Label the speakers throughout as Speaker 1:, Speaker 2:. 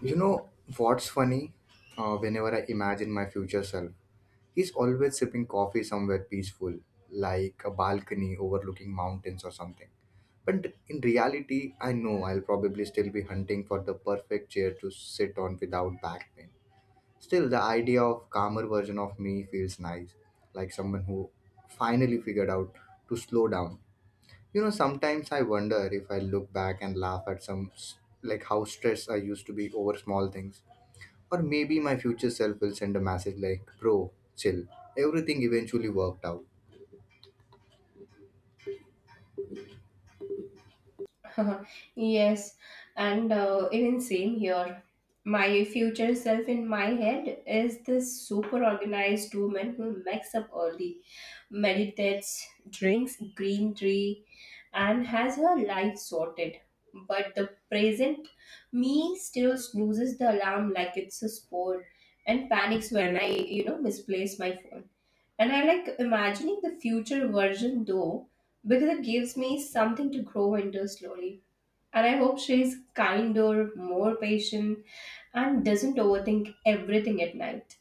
Speaker 1: You know what's funny? Whenever I imagine my future self, he's always sipping coffee somewhere peaceful, like a balcony overlooking mountains or something. But in reality, I know I'll probably still be hunting for the perfect chair to sit on without back pain. Still, the idea of calmer version of me feels nice, like someone who finally figured out to slow down. You know, sometimes I wonder if I look back and laugh at like how stressed I used to be over small things, or maybe my future self will send a message like, bro, chill. Everything eventually worked out.
Speaker 2: Yes, and even same here. My future self in my head is this super organized woman who wakes up early, meditates, drinks green tea, and has her life sorted. But the present me still snoozes the alarm like it's a sport and panics when I misplace my phone. And I like imagining the future version though, because it gives me something to grow into slowly. And I hope she's kinder, more patient, and doesn't overthink everything at night.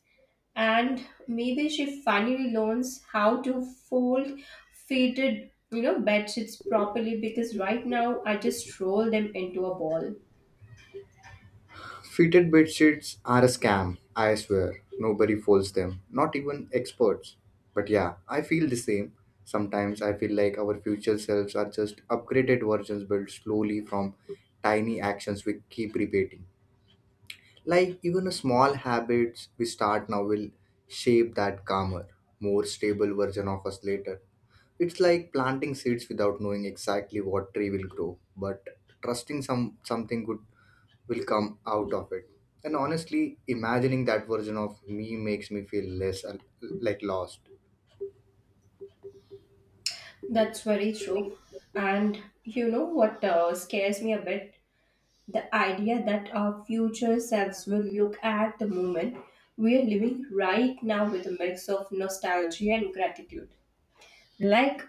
Speaker 2: And maybe she finally learns how to fold faded bed sheets properly because right now I just roll them into a ball.
Speaker 1: Fitted bed sheets are a scam, I swear. Nobody folds them, not even experts. But yeah, I feel the same. Sometimes I feel like our future selves are just upgraded versions built slowly from tiny actions we keep repeating. Like even a small habits we start now will shape that calmer, more stable version of us later. It's like planting seeds without knowing exactly what tree will grow, but trusting something good will come out of it. And honestly, imagining that version of me makes me feel less like lost.
Speaker 2: That's very true. And you know what scares me a bit? The idea that our future selves will look at the moment we are living right now with a mix of nostalgia and gratitude. Like,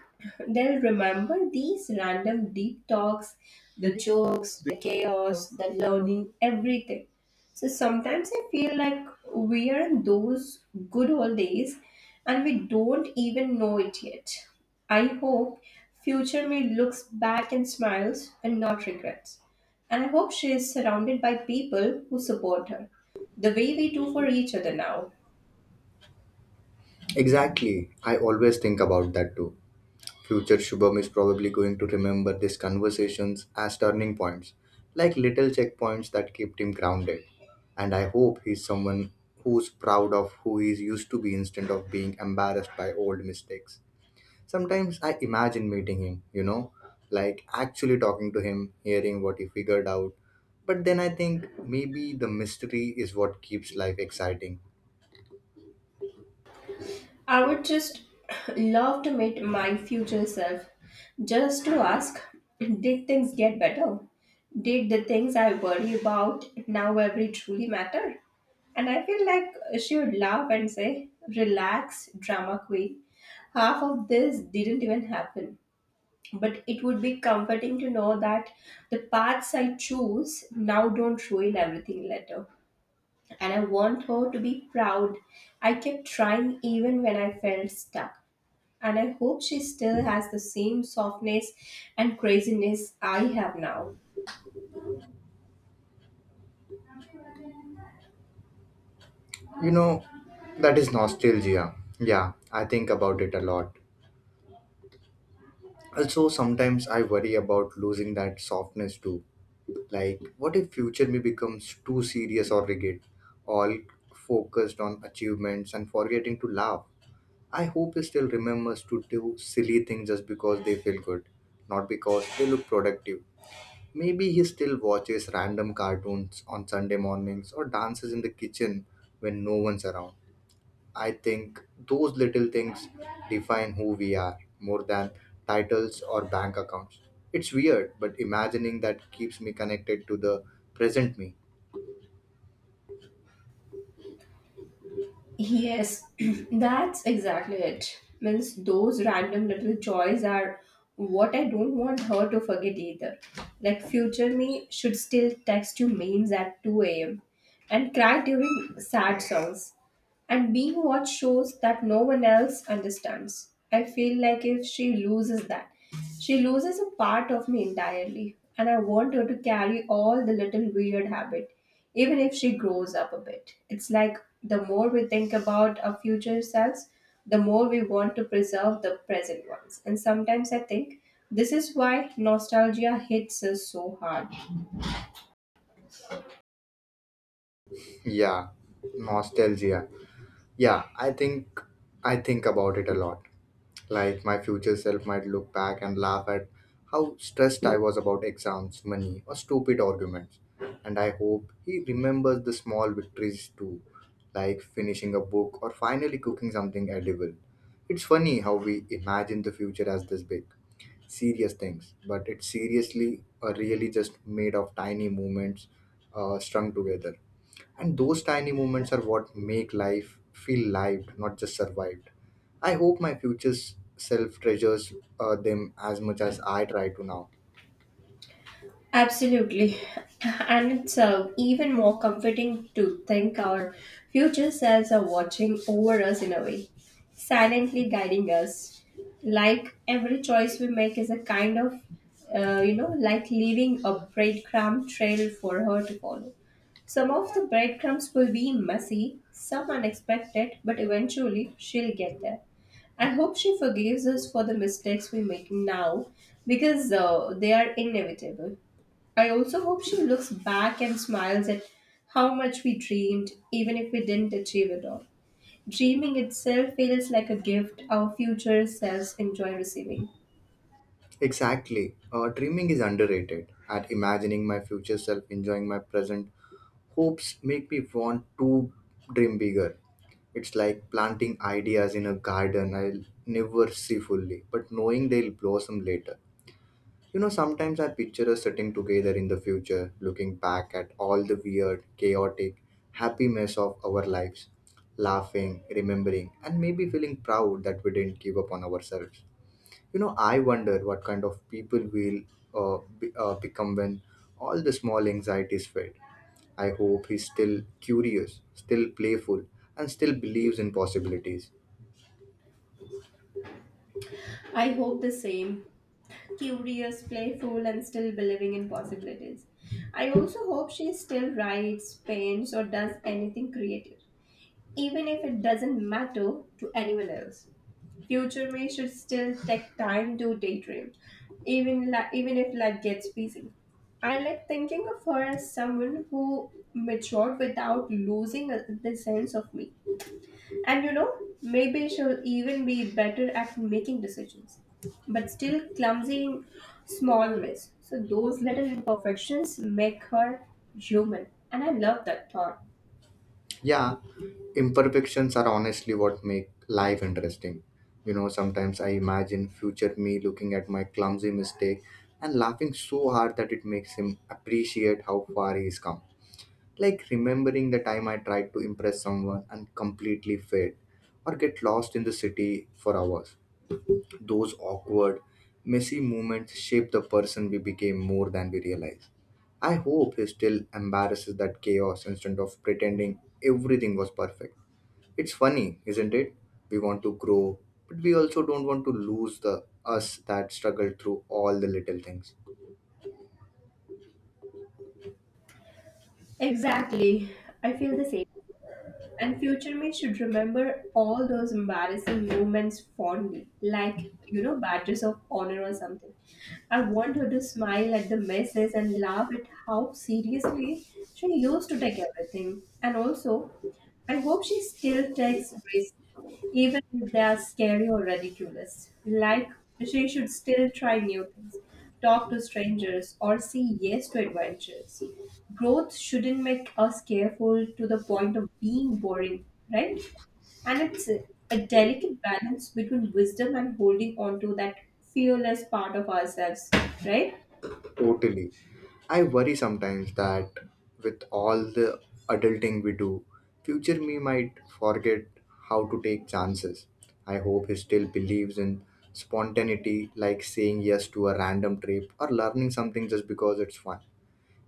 Speaker 2: they'll remember these random deep talks, the jokes, the chaos, the learning, everything. So sometimes I feel like we are in those good old days and we don't even know it yet. I hope future me looks back and smiles and not regrets. And I hope she is surrounded by people who support her, the way we do for each other now.
Speaker 1: Exactly. I always think about that too. Future Shubham is probably going to remember these conversations as turning points, like little checkpoints that kept him grounded. And I hope he's someone who's proud of who he used to be instead of being embarrassed by old mistakes. Sometimes I imagine meeting him, you know, like actually talking to him, hearing what he figured out. But then I think maybe the mystery is what keeps life exciting.
Speaker 2: I would just love to meet my future self just to ask, did things get better? Did the things I worry about now ever truly matter? And I feel like she would laugh and say, relax, drama queen. Half of this didn't even happen. But it would be comforting to know that the paths I choose now don't ruin everything later, and I want her to be proud. I kept trying even when I felt stuck, and I hope she still has the same softness and craziness I have now.
Speaker 1: You know, that is nostalgia. Yeah, I think about it a lot. Also, sometimes I worry about losing that softness too. Like, what if future me becomes too serious or rigid, all focused on achievements and forgetting to laugh? I hope he still remembers to do silly things just because they feel good, not because they look productive. Maybe he still watches random cartoons on Sunday mornings or dances in the kitchen when no one's around. I think those little things define who we are more than titles or bank accounts. It's weird, but imagining that keeps me connected to the present me.
Speaker 2: Yes, that's exactly it. Means those random little joys are what I don't want her to forget either. Like future me should still text you memes at 2 a.m. and cry during sad songs, and being what shows that no one else understands. I feel like if she loses that, she loses a part of me entirely, and I want her to carry all the little weird habit, even if she grows up a bit. It's like the more we think about our future selves, the more we want to preserve the present ones. And sometimes I think this is why nostalgia hits us so hard.
Speaker 1: Yeah, nostalgia. Yeah, I think about it a lot. Like my future self might look back and laugh at how stressed I was about exams, money, or stupid arguments. And I hope he remembers the small victories too, like finishing a book or finally cooking something edible. It's funny how we imagine the future as this big, serious things, but it's seriously or really just made of tiny moments strung together. And those tiny moments are what make life feel lived, not just survived. I hope my future self treasures them as much as I try to now.
Speaker 2: Absolutely. And it's even more comforting to think our future selves are watching over us in a way, silently guiding us. Like every choice we make is a kind of, like leaving a breadcrumb trail for her to follow. Some of the breadcrumbs will be messy, some unexpected, but eventually she'll get there. I hope she forgives us for the mistakes we make now because they are inevitable. I also hope she looks back and smiles at how much we dreamed, even if we didn't achieve it all. Dreaming itself feels like a gift our future selves enjoy receiving.
Speaker 1: Exactly. Dreaming is underrated. At imagining my future self enjoying my present hopes make me want to dream bigger. It's like planting ideas in a garden I'll never see fully, but knowing they'll blossom later. You know, sometimes I picture us sitting together in the future, looking back at all the weird, chaotic, happy mess of our lives, laughing, remembering, and maybe feeling proud that we didn't give up on ourselves. You know, I wonder what kind of people we'll become when all the small anxieties fade. I hope he's still curious, still playful, and still believes in possibilities.
Speaker 2: I hope the same. Curious, playful, and still believing in possibilities. I also hope she still writes, paints, or does anything creative, even if it doesn't matter to anyone else. Future me should still take time to daydream, even if life gets busy. I like thinking of her as someone who matured without losing the sense of me. And you know, maybe she'll even be better at making decisions, but still clumsy in small ways. So those little imperfections make her human, and I love that thought.
Speaker 1: Yeah, imperfections are honestly what make life interesting. You know, sometimes I imagine future me looking at my clumsy mistake and laughing so hard that it makes him appreciate how far he's come. Like remembering the time I tried to impress someone and completely failed, or get lost in the city for hours. Those awkward, messy moments shape the person we became more than we realize. I hope he still embarrasses that chaos instead of pretending everything was perfect. It's funny, isn't it? We want to grow, but we also don't want to lose the us that struggled through all the little things.
Speaker 2: Exactly, I feel the same. And future me should remember all those embarrassing moments fondly, like, you know, badges of honor or something. I want her to smile at the messes and laugh at how seriously she used to take everything. And also, I hope she still takes risks, even if they are scary or ridiculous. Like, she should still try new things, talk to strangers, or say yes to adventures. Growth shouldn't make us careful to the point of being boring, right? And it's a delicate balance between wisdom and holding on to that fearless part of ourselves, right?
Speaker 1: Totally. I worry sometimes that with all the adulting we do, future me might forget how to take chances. I hope he still believes in spontaneity, like saying yes to a random trip or learning something just because it's fun.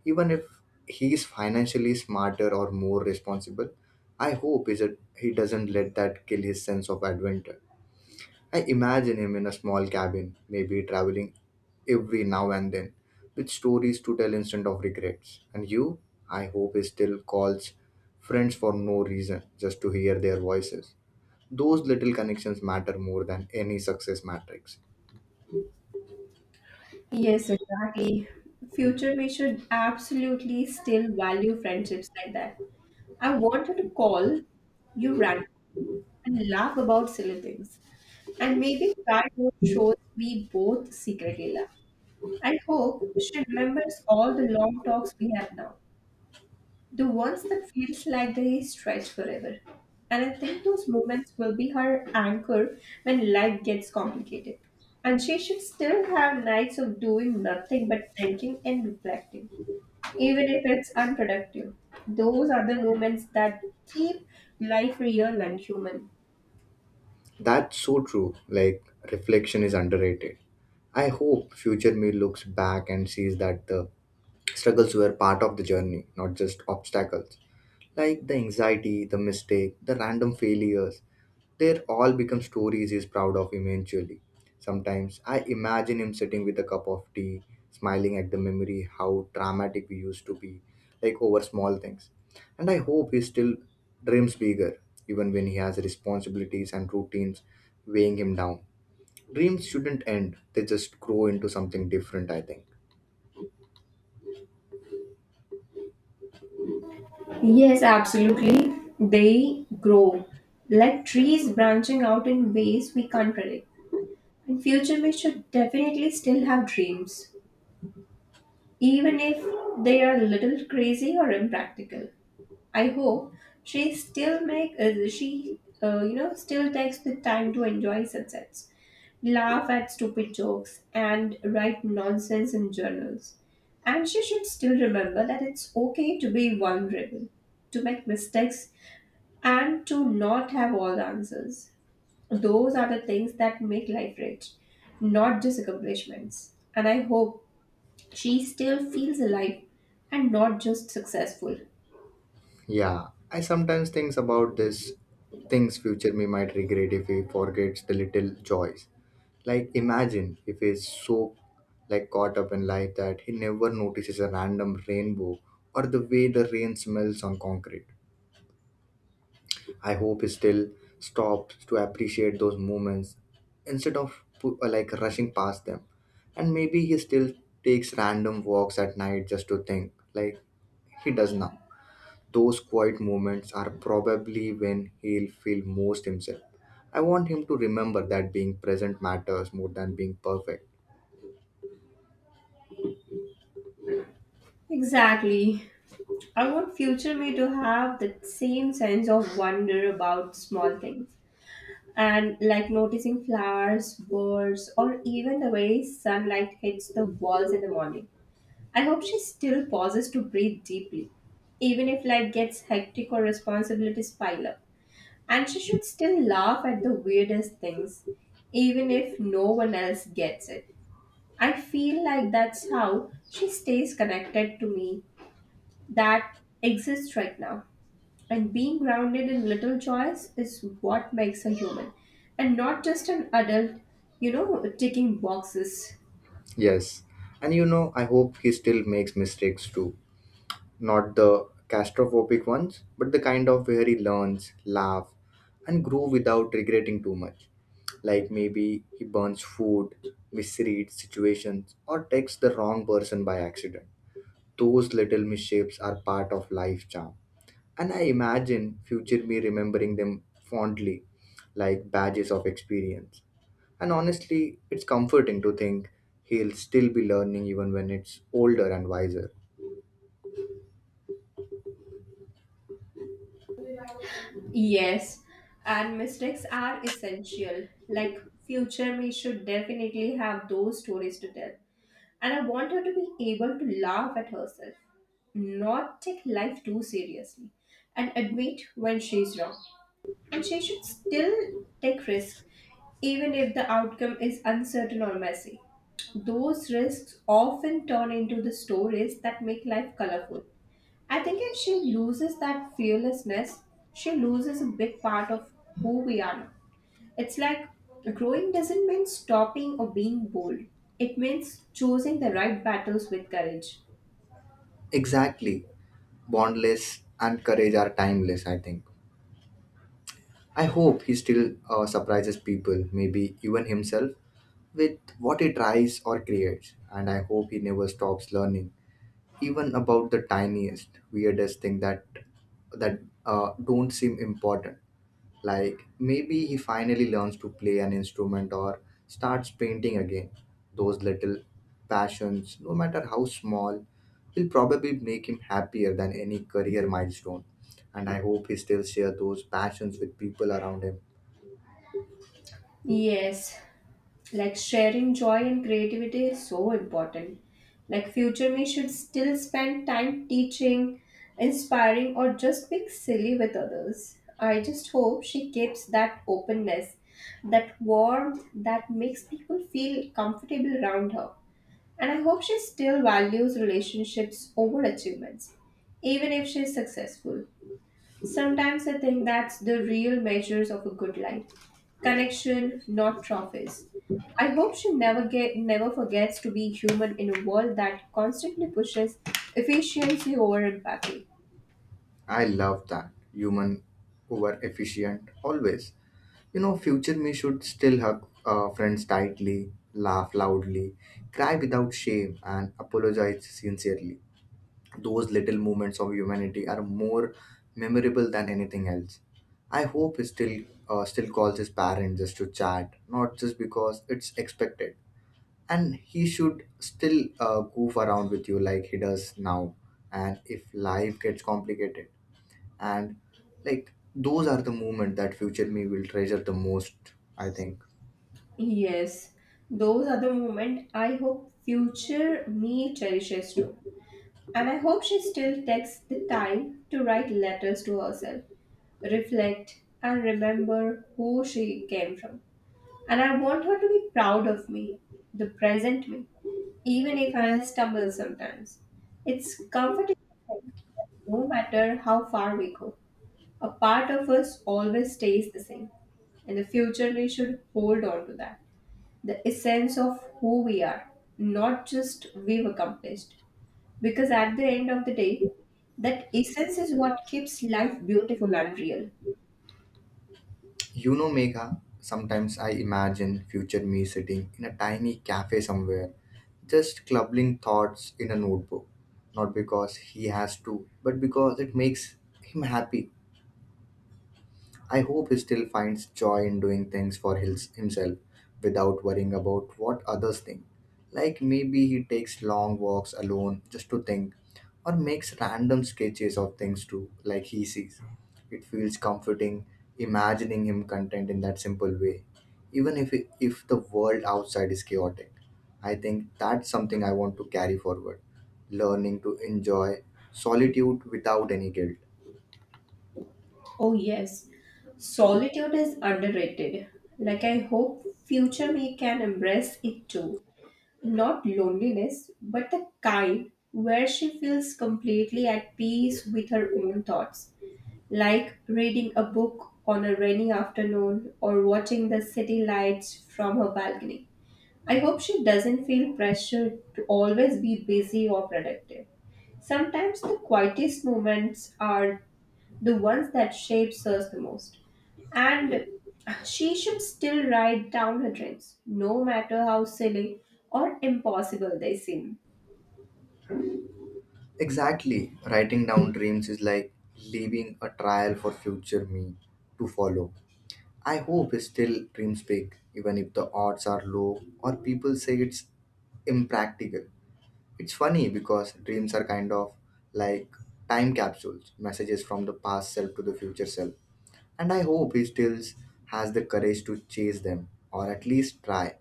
Speaker 1: Even if he is financially smarter or more responsible, I hope is it he doesn't let that kill his sense of adventure. I imagine him in a small cabin, maybe traveling every now and then, with stories to tell instead of regrets. And you, I hope he still calls friends for no reason, just to hear their voices. Those little connections matter more than any success matrix.
Speaker 2: Yes, exactly. Future me should absolutely still value friendships like that. I wanted to call you randomly and laugh about silly things. And maybe try those shows we both secretly love, and hope she remembers all the long talks we have now, the ones that feels like they stretch forever. And I think those moments will be her anchor when life gets complicated. And she should still have nights of doing nothing but thinking and reflecting, even if it's unproductive. Those are the moments that keep life real and human.
Speaker 1: That's so true. Like, reflection is underrated. I hope future me looks back and sees that the struggles were part of the journey, not just obstacles. Like the anxiety, the mistake, the random failures, they all become stories he's proud of eventually. Sometimes I imagine him sitting with a cup of tea, smiling at the memory how dramatic we used to be, like over small things. And I hope he still dreams bigger, even when he has responsibilities and routines weighing him down. Dreams shouldn't end, they just grow into something different, I think.
Speaker 2: Yes, absolutely. They grow like trees branching out in ways we can't predict. In future, we should definitely still have dreams, even if they are a little crazy or impractical. I hope she still make she you know still takes the time to enjoy sunsets, laugh at stupid jokes, and write nonsense in journals. And she should still remember that it's okay to be vulnerable, to make mistakes, and to not have all the answers. Those are the things that make life rich, not just accomplishments. And I hope she still feels alive and not just successful.
Speaker 1: Yeah, I sometimes think about this things future me might regret if he forgets the little joys. Like imagine if he's so like caught up in life that he never notices a random rainbow or the way the rain smells on concrete. I hope he still stops to appreciate those moments instead of like rushing past them. And maybe he still takes random walks at night just to think, like he does now. Those quiet moments are probably when he'll feel most himself. I want him to remember that being present matters more than being perfect.
Speaker 2: Exactly. I want future me to have that same sense of wonder about small things. And like noticing flowers, birds, or even the way sunlight hits the walls in the morning. I hope she still pauses to breathe deeply, even if life gets hectic or responsibilities pile up. And she should still laugh at the weirdest things, even if no one else gets it. I feel like that's how she stays connected to me that exists right now. And being grounded in little joys is what makes a human, and not just an adult, you know, ticking boxes.
Speaker 1: Yes. And you know, I hope he still makes mistakes too. Not the claustrophobic ones, but the kind of where he learns, laugh, and grow without regretting too much. Like maybe he burns food, misreads situations, or texts the wrong person by accident. Those little misshapes are part of life charm. And I imagine future me remembering them fondly, like badges of experience. And honestly, it's comforting to think he'll still be learning even when it's older and wiser.
Speaker 2: Yes, and mistakes are essential. Like, future me should definitely have those stories to tell, and I want her to be able to laugh at herself, not take life too seriously, and admit when she's wrong. And she should still take risks, even if the outcome is uncertain or messy. Those risks often turn into the stories that make life colorful. I think if she loses that fearlessness, she loses a big part of who we are now. It's like growing doesn't mean stopping or being bold, it means choosing the right battles with courage.
Speaker 1: Exactly. Bondless and courage are timeless, I think. I hope he still surprises people, maybe even himself, with what he tries or creates. And I hope he never stops learning, even about the tiniest, weirdest thing that don't seem important. Like maybe he finally learns to play an instrument or starts painting again. Those little passions, no matter how small, will probably make him happier than any career milestone. And I hope he still shares those passions with people around him.
Speaker 2: Yes, like sharing joy and creativity is so important. Like future me should still spend time teaching, inspiring, or just being silly with others. I just hope she keeps that openness, that warmth that makes people feel comfortable around her, and I hope she still values relationships over achievements, even if she is successful. Sometimes I think that's the real measures of a good life. Connection, not trophies. I hope she never forgets to be human in a world that constantly pushes efficiency over empathy.
Speaker 1: I love that. Human over efficient, always. You know, future me should still hug friends tightly, laugh loudly, cry without shame, and apologize sincerely. Those little moments of humanity are more memorable than anything else. I hope he still calls his parents just to chat, not just because it's expected. And he should still goof around with you like he does now. And if life gets complicated, and like those are the moments that future me will treasure the most, I think.
Speaker 2: Yes, those are the moments I hope future me cherishes too. And I hope she still takes the time to write letters to herself, reflect, and remember who she came from. And I want her to be proud of me, the present me, even if I stumble sometimes. It's comforting to think that no matter how far we go, a part of us always stays the same. In the future, we should hold on to that, the essence of who we are, not just we've accomplished. Because at the end of the day, that essence is what keeps life beautiful and real.
Speaker 1: You know, Megha, sometimes I imagine future me sitting in a tiny cafe somewhere, just clubbing thoughts in a notebook. Not because he has to, but because it makes him happy. I hope he still finds joy in doing things for himself without worrying about what others think. Like maybe he takes long walks alone just to think, or makes random sketches of things too, like he sees. It feels comforting imagining him content in that simple way, even if the world outside is chaotic. I think that's something I want to carry forward learning to enjoy solitude without any guilt.
Speaker 2: Oh, yes. Solitude is underrated. Like, I hope future me can embrace it too. Not loneliness, but the kind where she feels completely at peace with her own thoughts. Like reading a book on a rainy afternoon or watching the city lights from her balcony. I hope she doesn't feel pressured to always be busy or productive. Sometimes the quietest moments are the ones that shapes us the most. And she should still write down her dreams, no matter how silly or impossible they seem.
Speaker 1: Exactly. Writing down dreams is like leaving a trial for future me to follow. I hope he still dreams big, even if the odds are low or people say it's impractical. It's funny because dreams are kind of like time capsules, messages from the past self to the future self. And I hope he still has the courage to chase them, or at least try,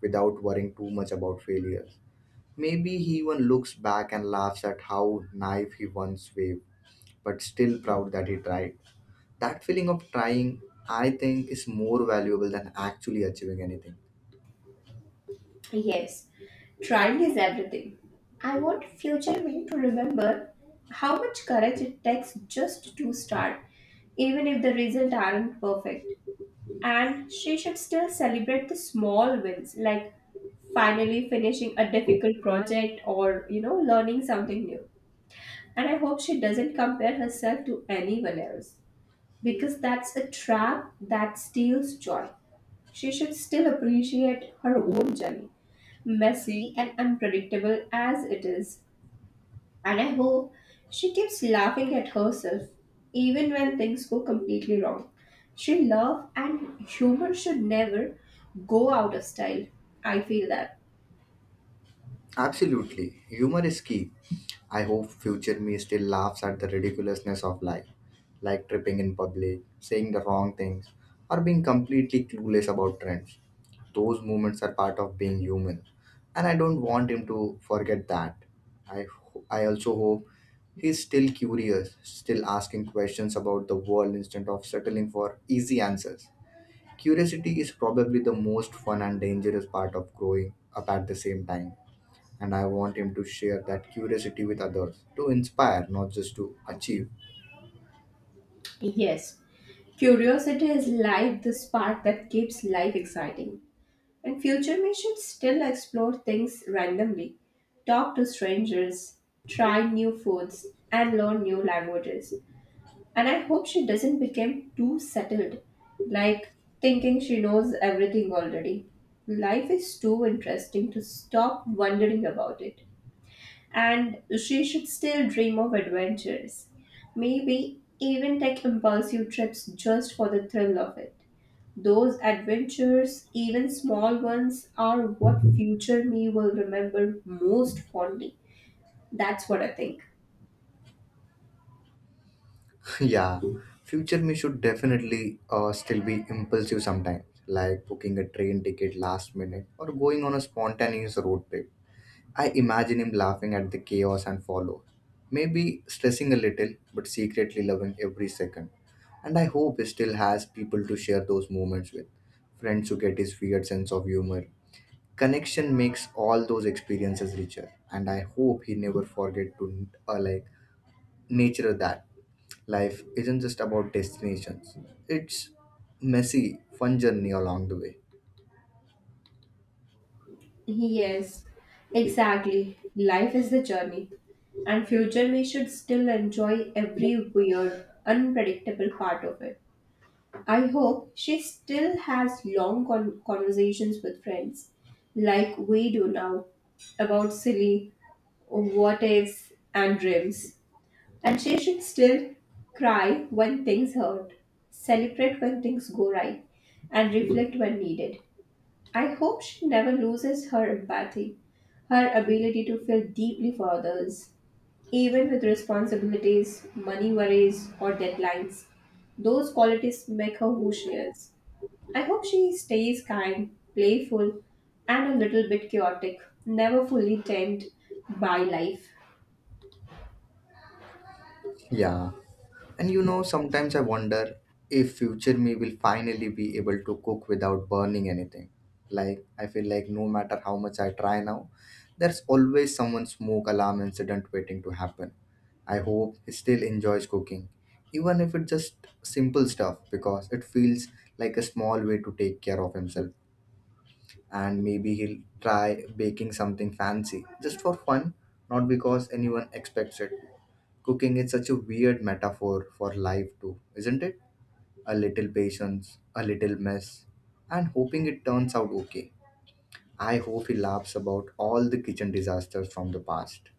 Speaker 1: without worrying too much about failure. Maybe he even looks back and laughs at how naive he once waved, but still proud that he tried. That feeling of trying, I think, is more valuable than actually achieving anything.
Speaker 2: Yes, trying is everything. I want future me to remember how much courage it takes just to start, even if the results aren't perfect. And she should still celebrate the small wins, like finally finishing a difficult project or, you know, learning something new. And I hope she doesn't compare herself to anyone else because that's a trap that steals joy. She should still appreciate her own journey, messy and unpredictable as it is. And I hope she keeps laughing at herself, even when things go completely wrong. She love and humor should never go out of style. I feel that.
Speaker 1: Absolutely. Humor is key. I hope future me still laughs at the ridiculousness of life, like tripping in public, saying the wrong things, or being completely clueless about trends. Those moments are part of being human, and I don't want him to forget that. I also hope he's still curious, still asking questions about the world instead of settling for easy answers. Curiosity is probably the most fun and dangerous part of growing up at the same time, and I want him to share that curiosity with others to inspire, not just to achieve.
Speaker 2: Yes, curiosity is like the spark that keeps life exciting. And future me should still explore things randomly, talk to strangers, try new foods, and learn new languages. And I hope she doesn't become too settled, like thinking she knows everything already. Life is too interesting to stop wondering about it. And she should still dream of adventures. Maybe even take impulsive trips just for the thrill of it. Those adventures, even small ones, are what future me will remember most fondly. That's what I think.
Speaker 1: Yeah, future me should definitely still be impulsive sometimes, like booking a train ticket last minute or going on a spontaneous road trip. I imagine him laughing at the chaos and follow, maybe stressing a little, but secretly loving every second. And I hope he still has people to share those moments with, friends who get his weird sense of humor, connection makes all those experiences richer. And I hope he never forget to like nature that life isn't just about destinations, it's messy fun journey along the way.
Speaker 2: Yes, exactly. Life is the journey. And future me should still enjoy every weird, unpredictable part of it. I hope she still has long conversations with friends, like we do now, about silly what ifs and dreams. And she should still cry when things hurt, celebrate when things go right, and reflect when needed. I hope she never loses her empathy, her ability to feel deeply for others, even with responsibilities, money worries, or deadlines. Those qualities make her who she is. I hope she stays kind, playful, and a little bit chaotic, never fully tamed by life.
Speaker 1: Yeah. And you know, sometimes I wonder if future me will finally be able to cook without burning anything. Like, I feel like no matter how much I try now, there's always someone smoke alarm incident waiting to happen. I hope he still enjoys cooking, even if it's just simple stuff, because it feels like a small way to take care of himself. And maybe he'll try baking something fancy just for fun, not because anyone expects it. Cooking is such a weird metaphor for life, too, isn't it? A little patience, a little mess, and hoping it turns out okay. I hope he laughs about all the kitchen disasters from the past.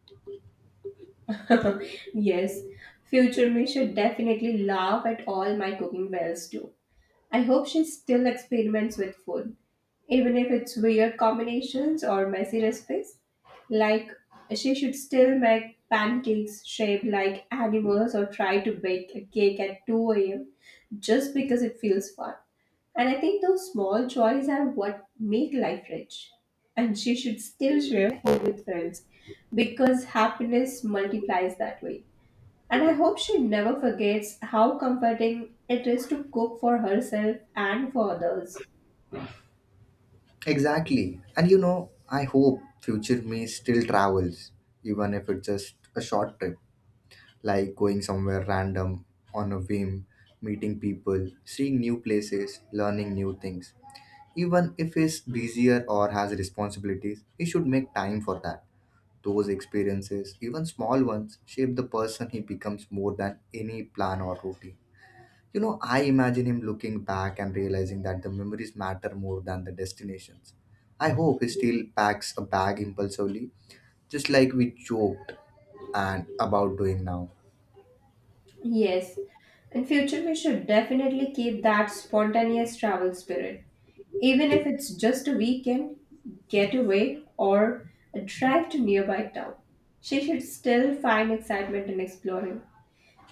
Speaker 2: Yes, future me should definitely laugh at all my cooking fails too. I hope she still experiments with food, even if it's weird combinations or messy recipes. Like, she should still make pancakes shaped like animals or try to bake a cake at 2 a.m. just because it feels fun. And I think those small joys are what make life rich. And she should still share food with friends because happiness multiplies that way. And I hope she never forgets how comforting it is to cook for herself and for others.
Speaker 1: Exactly. And you know, I hope future me still travels, even if it's just a short trip, like going somewhere random on a whim, meeting people, seeing new places, learning new things. Even if he's busier or has responsibilities, he should make time for that. Those experiences, even small ones, shape the person he becomes more than any plan or routine. You know, I imagine him looking back and realizing that the memories matter more than the destinations. I hope he still packs a bag impulsively, just like we joked and about doing now.
Speaker 2: Yes, in future we should definitely keep that spontaneous travel spirit. Even if it's just a weekend getaway or a drive to nearby town, she should still find excitement in exploring.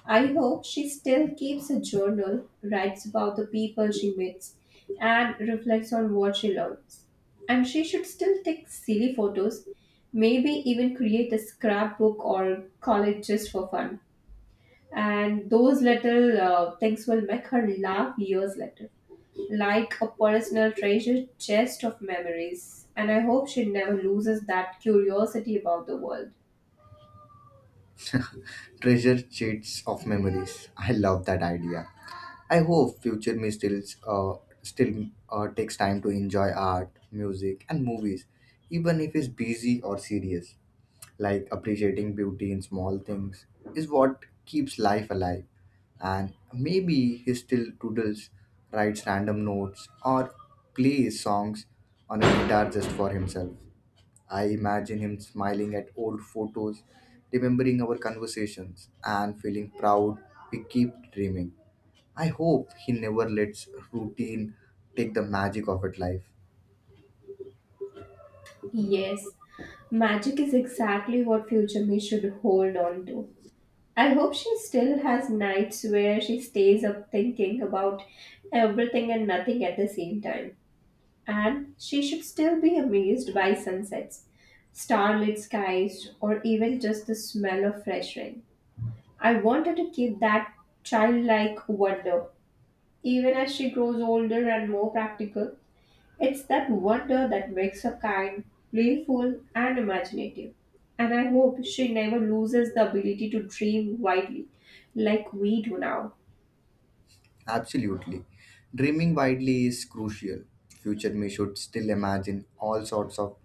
Speaker 2: I hope she still keeps a journal, writes about the people she meets, and reflects on what she learns. And she should still take silly photos, maybe even create a scrapbook or call it just for fun. And those little things will make her laugh years later, like a personal treasure chest of memories. And I hope she never loses that curiosity about the world.
Speaker 1: Treasure sheets of memories. I love that idea. I hope future me still uh, still takes time to enjoy art, music, and movies, even if he's busy or serious, like appreciating beauty in small things is what keeps life alive. And maybe he still doodles, writes random notes, or plays songs on a guitar just for himself. I imagine him smiling at old photos, remembering our conversations and feeling proud we keep dreaming. I hope he never lets routine take the magic of it life.
Speaker 2: Yes, magic is exactly what future me should hold on to. I hope she still has nights where she stays up thinking about everything and nothing at the same time. And she should still be amazed by sunsets, starlit skies, or even just the smell of fresh rain. I want her to keep that childlike wonder, even as she grows older and more practical. It's that wonder that makes her kind, playful, and imaginative. And I hope she never loses the ability to dream widely like we do now.
Speaker 1: Absolutely. Dreaming widely is crucial. Future me should still imagine all sorts of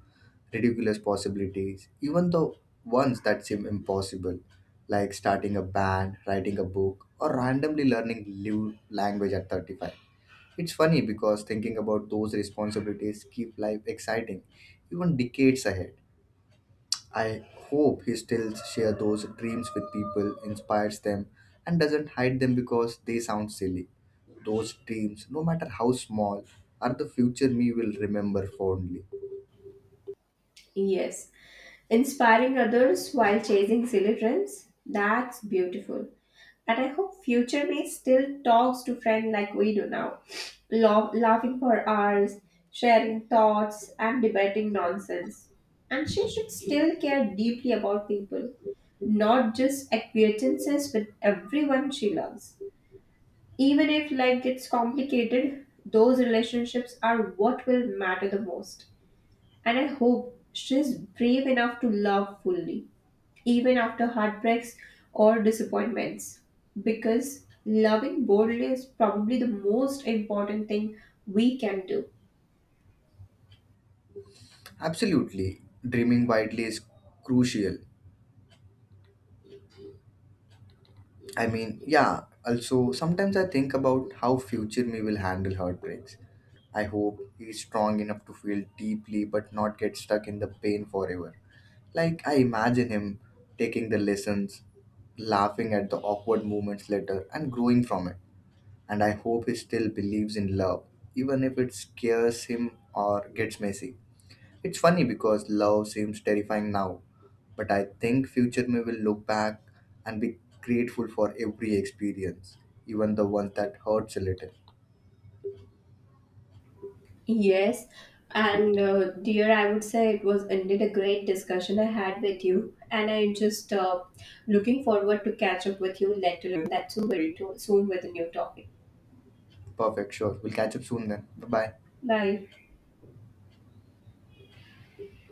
Speaker 1: ridiculous possibilities, even the ones that seem impossible, like starting a band, writing a book, or randomly learning new language at 35. It's funny because thinking about those responsibilities keep life exciting, even decades ahead. I hope he still shares those dreams with people, inspires them, and doesn't hide them because they sound silly. Those dreams, no matter how small, are the future me will remember fondly.
Speaker 2: Yes, inspiring others while chasing silly dreams. That's beautiful. And I hope future me still talks to friend like we do now, laughing for hours, sharing thoughts, and debating nonsense. And she should still care deeply about people, not just acquaintances, but everyone she loves. Even if life gets complicated, those relationships are what will matter the most. And I hope she's brave enough to love fully even after heartbreaks or disappointments. Because loving boldly is probably the most important thing we can do.
Speaker 1: Absolutely, dreaming widely is crucial. I mean, yeah, also sometimes I think about how future me will handle heartbreaks. I hope he's strong enough to feel deeply but not get stuck in the pain forever. Like, I imagine him taking the lessons, laughing at the awkward moments later and growing from it. And I hope he still believes in love, even if it scares him or gets messy. It's funny because love seems terrifying now, but I think future me will look back and be grateful for every experience, even the ones that hurts a little.
Speaker 2: Yes, and dear, I would say it was indeed a great discussion I had with you, and I just looking forward to catch up with you later. That's soon, very soon with a new topic.
Speaker 1: Perfect, sure. We'll catch up soon then. Bye bye.
Speaker 2: Bye.